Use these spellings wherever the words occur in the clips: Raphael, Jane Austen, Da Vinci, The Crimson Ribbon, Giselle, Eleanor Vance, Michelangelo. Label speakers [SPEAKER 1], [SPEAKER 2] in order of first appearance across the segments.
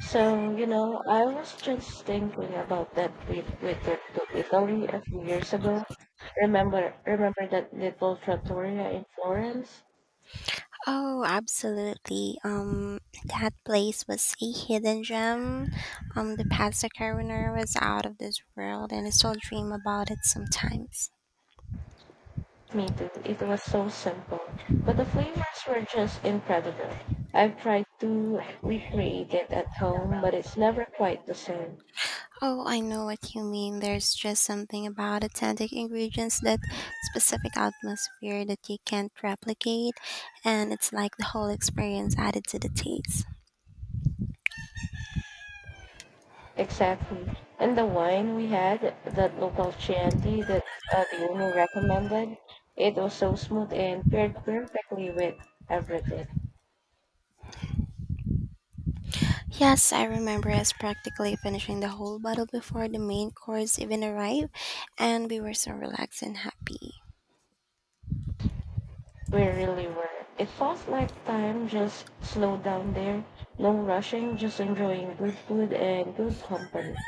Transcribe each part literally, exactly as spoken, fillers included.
[SPEAKER 1] So, you know, I was just thinking about that trip we took to Italy a few years ago. Remember, remember that little trattoria in Florence?
[SPEAKER 2] Oh, absolutely. Um, that place was a hidden gem. Um, the pasta carbonara was out of this world, and I still dream about it sometimes.
[SPEAKER 1] Me too. It was so simple, but the flavors were just incredible. I've tried to recreate it at home, but it's never quite the same.
[SPEAKER 2] Oh, I know what you mean. There's just something about authentic ingredients, that specific atmosphere that you can't replicate, and it's like the whole experience added to the taste.
[SPEAKER 1] Exactly. And the wine we had, that local Chianti that uh, the owner recommended, it was so smooth and paired perfectly with everything.
[SPEAKER 2] Yes, I remember us practically finishing the whole bottle before the main course even arrived, and we were so relaxed and happy.
[SPEAKER 1] We really were. It felt like time just slowed down there. No rushing, just enjoying good food and good company.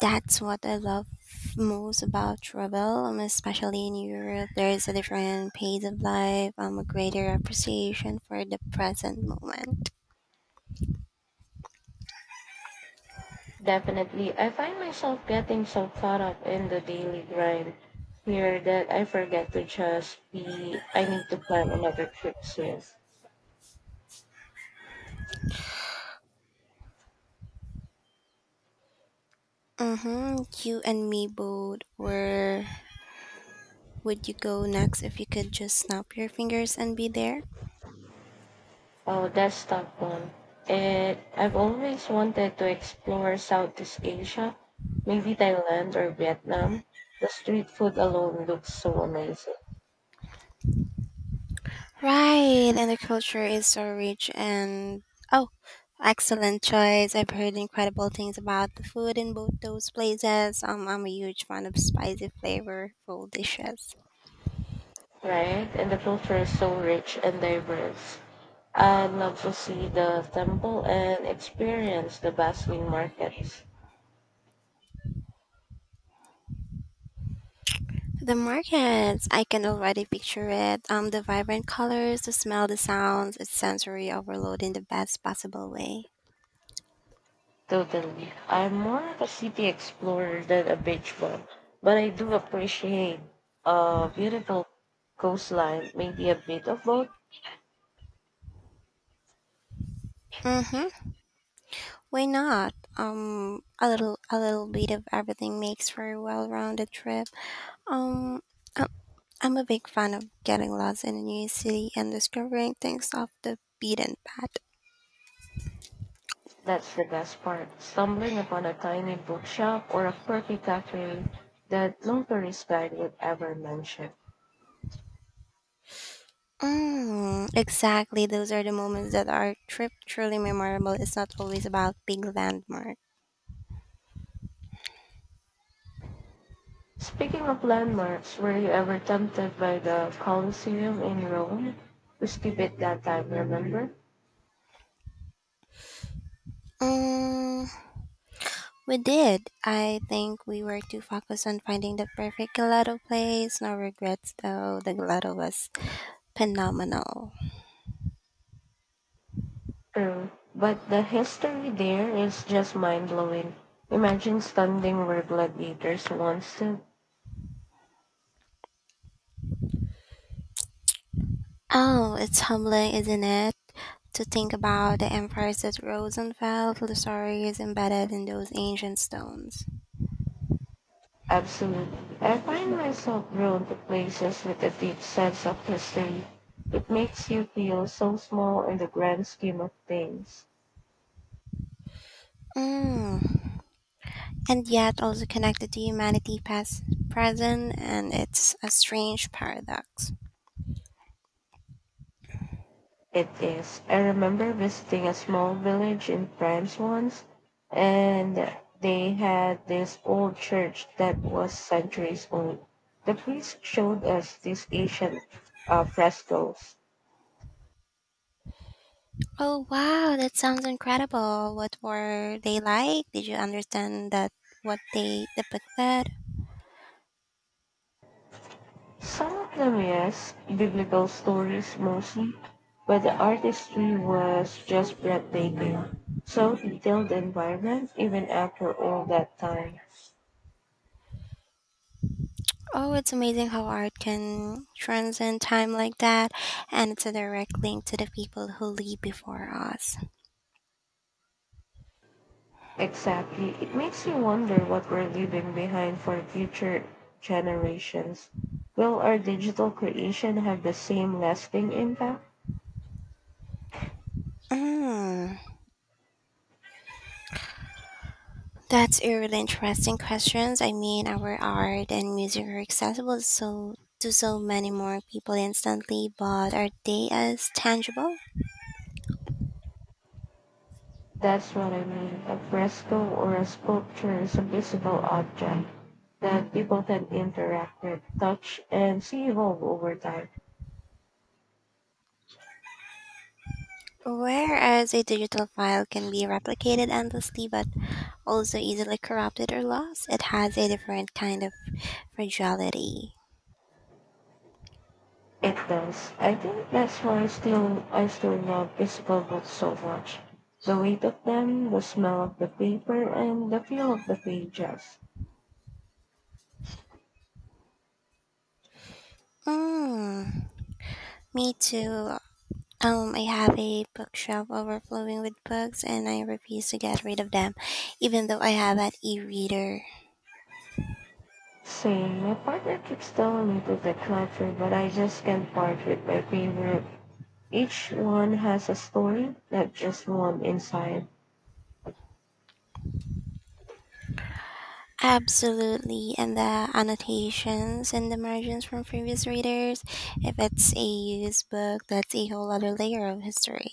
[SPEAKER 2] That's what I love most about travel, um, especially in Europe. There is a different pace of life, um, a greater appreciation for the present moment.
[SPEAKER 1] Definitely, I find myself getting so caught up in the daily grind here that I forget to just be. I need to plan another trip soon.
[SPEAKER 2] Mm-hmm. You and me both. Where would you go next if you could just snap your fingers and be there?
[SPEAKER 1] Oh, that's tough one. And I've always wanted to explore Southeast Asia, maybe Thailand or Vietnam. The street food alone looks so amazing.
[SPEAKER 2] Right, and the culture is so rich and oh, excellent choice. I've heard incredible things about the food in both those places. Um, I'm a huge fan of spicy, flavorful dishes.
[SPEAKER 1] Right? And the culture is so rich and diverse. I'd love to see the temple and experience the bustling markets.
[SPEAKER 2] The markets, I can already picture it. Um, the vibrant colors, the smell, the sounds, it's sensory overload in the best possible way.
[SPEAKER 1] Totally. I'm more of a city explorer than a beach bum, but I do appreciate a beautiful coastline, maybe a bit of both.
[SPEAKER 2] Mm-hmm. Why not? Um, a little, a little bit of everything makes for a well-rounded trip. Um, I- I'm a big fan of getting lost in a new city and discovering things off the beaten path.
[SPEAKER 1] That's the best part, stumbling upon a tiny bookshop or a quirky cafe that no tourist guide would ever mention.
[SPEAKER 2] Mm, exactly. Those are the moments that are trip truly memorable. It's not always about big landmarks.
[SPEAKER 1] Speaking of landmarks, were you ever tempted by the Colosseum in Rome? We skipped it that time, remember?
[SPEAKER 2] Mm, we did. I think we were too focused on finding the perfect gelato place. No regrets though. The gelato was phenomenal.
[SPEAKER 1] True. But the history there is just mind blowing. Imagine standing where gladiators once stood.
[SPEAKER 2] Oh, it's humbling, isn't it? To think about the empires that rose and fell, the stories embedded in those ancient stones.
[SPEAKER 1] Absolutely. I find myself drawn to places with a deep sense of history. It makes you feel so small in the grand scheme of things.
[SPEAKER 2] Mm. And yet also connected to humanity past, present, and it's a strange paradox.
[SPEAKER 1] It is. I remember visiting a small village in France once, and they had this old church that was centuries old. The priest showed us these ancient uh, frescoes.
[SPEAKER 2] Oh wow, that sounds incredible. What were they like? Did you understand that what they depicted?
[SPEAKER 1] Some of them, yes, biblical stories mostly, but the artistry was just breathtaking. So detailed and vibrant, even after all that time.
[SPEAKER 2] Oh, it's amazing how art can transcend time like that, and it's a direct link to the people who lived before us.
[SPEAKER 1] Exactly. It makes you wonder what we're leaving behind for future generations. Will our digital creation have the same lasting impact?
[SPEAKER 2] Mm, that's a really interesting questions. I mean, our art and music are accessible so to so many more people instantly, but are they as tangible?
[SPEAKER 1] That's what I mean. A fresco or a sculpture is a visible object that people can interact with, touch, and see evolve over time.
[SPEAKER 2] Whereas a digital file can be replicated endlessly but also easily corrupted or lost, it has a different kind of fragility.
[SPEAKER 1] It does. I think that's why I still I still love physical books so much. The weight of them, the smell of the paper, and the feel of the pages.
[SPEAKER 2] Mm, me too. Um, I have a bookshelf overflowing with books and I refuse to get rid of them, even though I have an e reader.
[SPEAKER 1] Same. My partner keeps telling me to declutter, but I just can't part with my favorite. Each one has a story, not just one inside.
[SPEAKER 2] Absolutely, and the annotations and the margins from previous readers. If it's a used book, that's a whole other layer of history.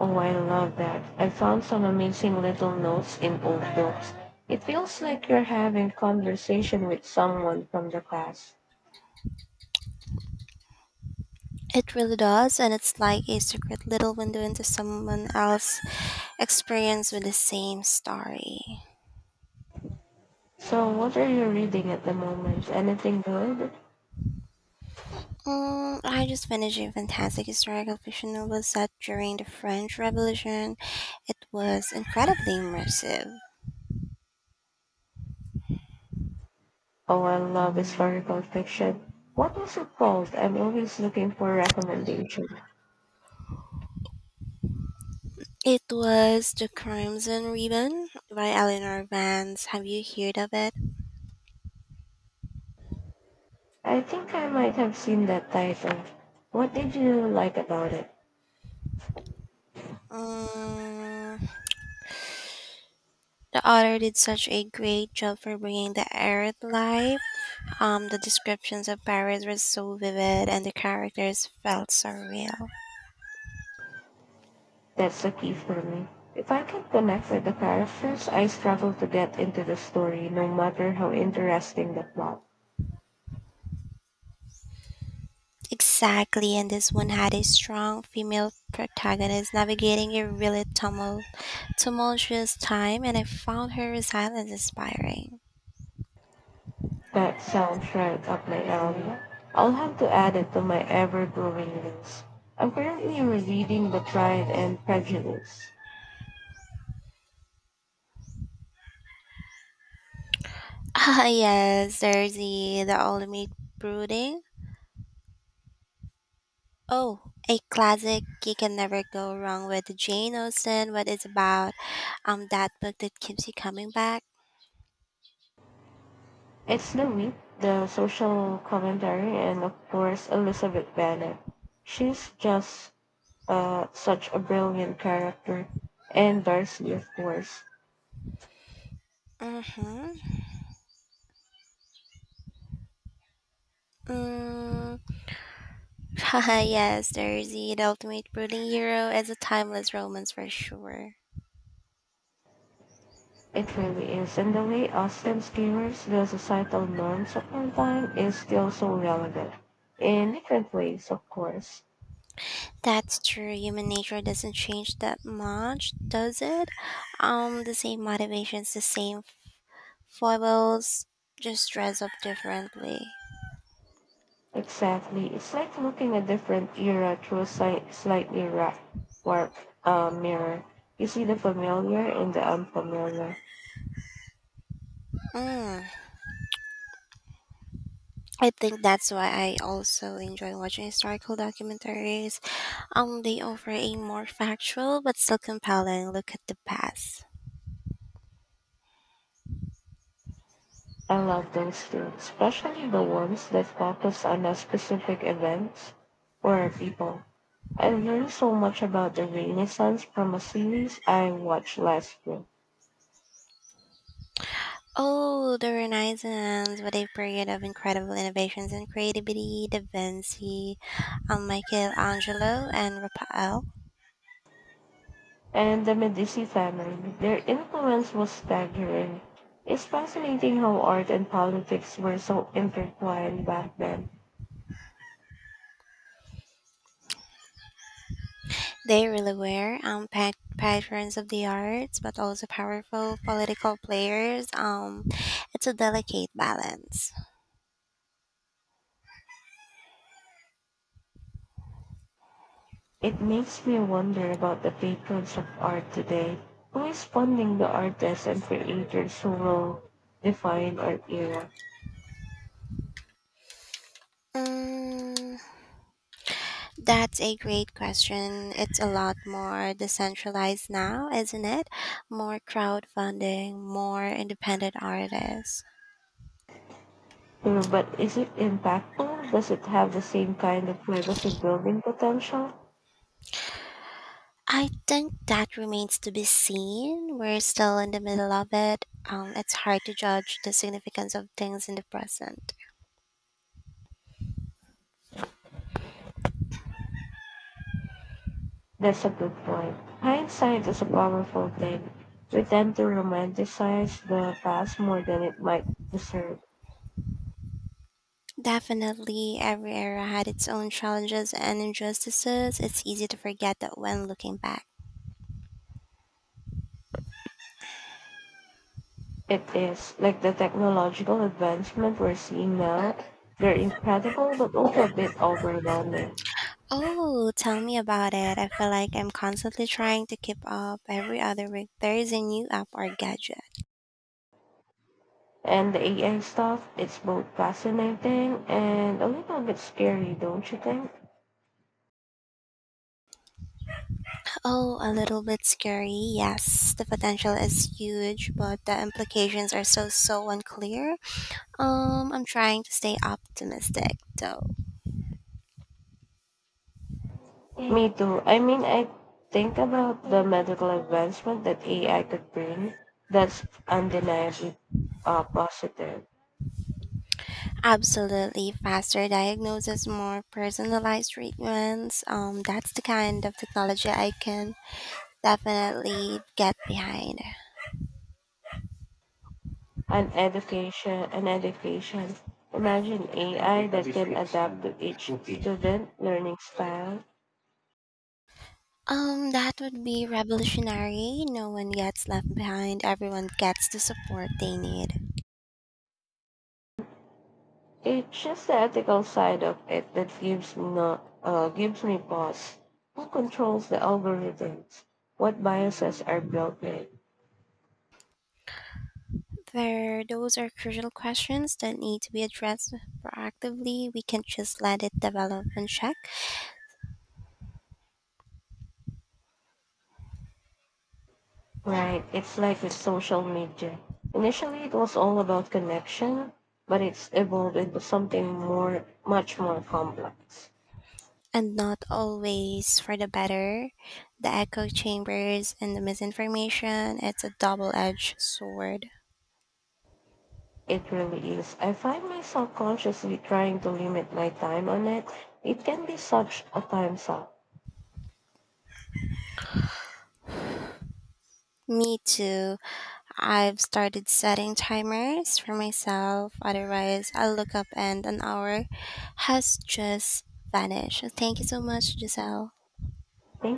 [SPEAKER 1] Oh, I love that. I found some amazing little notes in old books. It feels like you're having conversation with someone from the class.
[SPEAKER 2] It really does, and it's like a secret little window into someone else's experience with the same story.
[SPEAKER 1] So, what are you reading at the moment? Anything good?
[SPEAKER 2] Um, I just finished a fantastic historical fiction novel set during the French Revolution. It was incredibly immersive.
[SPEAKER 1] Oh, I love historical fiction. What was it called? I'm always looking for recommendations.
[SPEAKER 2] It was The Crimson Ribbon by Eleanor Vance. Have you heard of it?
[SPEAKER 1] I think I might have seen that title. What did you like about it?
[SPEAKER 2] Um, the author did such a great job for bringing the era to life. Um, the descriptions of Paris were so vivid and the characters felt so real.
[SPEAKER 1] That's the key for me. If I can connect with the characters, I struggle to get into the story, no matter how interesting the plot.
[SPEAKER 2] Exactly, and this one had a strong female protagonist navigating a really tumul- tumultuous time, and I found her resilience inspiring.
[SPEAKER 1] That sounds right up my alley. I'll have to add it to my ever-growing list. I'm currently rereading The Pride and Prejudice.
[SPEAKER 2] Ah, yes, there's the, the ultimate brooding. Oh, a classic you can never go wrong with Jane Austen, but it's about um that book that keeps you coming back.
[SPEAKER 1] It's The Week, the social commentary, and of course, Elizabeth Bennet. She's just uh, such a brilliant character. And Darcy, of course.
[SPEAKER 2] Mm-hmm. Mm. Yes, there's the, the ultimate brooding hero. It's a timeless romance for sure.
[SPEAKER 1] It really is. And the way Austen skewers the societal norms of our time is still so relevant. In different ways, of course.
[SPEAKER 2] That's true. Human nature doesn't change that much, does it? Um, the same motivations, the same foibles, just dress up differently.
[SPEAKER 1] Exactly. It's like looking a different era through a slight, slightly ra- warped uh, mirror. You see the familiar and the unfamiliar.
[SPEAKER 2] Mm. I think that's why I also enjoy watching historical documentaries. Um, they offer a more factual but still compelling look at the past.
[SPEAKER 1] I love those too, especially the ones that focus on a specific event or people. I learned so much about the Renaissance from a series I watched last year.
[SPEAKER 2] Oh, the Renaissance! What a period of incredible innovations and creativity. Da Vinci, um, Michelangelo, and Raphael.
[SPEAKER 1] And the Medici family, their influence was staggering. It's fascinating how art and politics were so intertwined back then.
[SPEAKER 2] They really were unpacked patrons of the arts, but also powerful political players. Um, it's a delicate balance.
[SPEAKER 1] It makes me wonder about the patrons of art today. Who is funding the artists and creators who will define our era?
[SPEAKER 2] Mm, that's a great question. It's a lot more decentralized now, isn't it? More crowdfunding, more independent artists.
[SPEAKER 1] Mm, but is it impactful? Does it have the same kind of legacy building potential?
[SPEAKER 2] I think that remains to be seen. We're still in the middle of it. Um, it's hard to judge the significance of things in the present.
[SPEAKER 1] That's a good point. Hindsight is a powerful thing. We tend to romanticize the past more than it might deserve.
[SPEAKER 2] Definitely, every era had its own challenges and injustices. It's easy to forget that when looking back.
[SPEAKER 1] It is like the technological advancement we're seeing now. They're incredible, but also a bit overwhelming.
[SPEAKER 2] Oh, tell me about it. I feel like I'm constantly trying to keep up. Every other week, there is a new app or gadget.
[SPEAKER 1] And the A I stuff, it's both fascinating and a little bit scary, don't you think?
[SPEAKER 2] Oh, a little bit scary, yes. The potential is huge, but the implications are so, so unclear. Um, I'm trying to stay optimistic, though.
[SPEAKER 1] Me too. I mean, I think about the medical advancement that A I could bring. That's undeniably uh, positive.
[SPEAKER 2] Absolutely, faster diagnosis, more personalized treatments. Um, that's the kind of technology I can definitely get behind.
[SPEAKER 1] And education, and education. Imagine A I that can adapt to each student learning style.
[SPEAKER 2] Um, that would be revolutionary. No one gets left behind. Everyone gets the support they need.
[SPEAKER 1] It's just the ethical side of it that gives me no, uh, gives me pause. Who controls the algorithms? What biases are built in?
[SPEAKER 2] There, those are crucial questions that need to be addressed proactively. We can't just let it develop and check.
[SPEAKER 1] Right. It's like with social media. Initially, it was all about connection, but it's evolved into something more, much more complex.
[SPEAKER 2] And not always for the better. The echo chambers and the misinformation, it's a double edged sword.
[SPEAKER 1] It really is. I find myself consciously trying to limit my time on it. It can be such a time suck.
[SPEAKER 2] Me too. I've started setting timers for myself, otherwise, I'll look up and an hour has just vanished. Thank you so much, Giselle.
[SPEAKER 1] Thank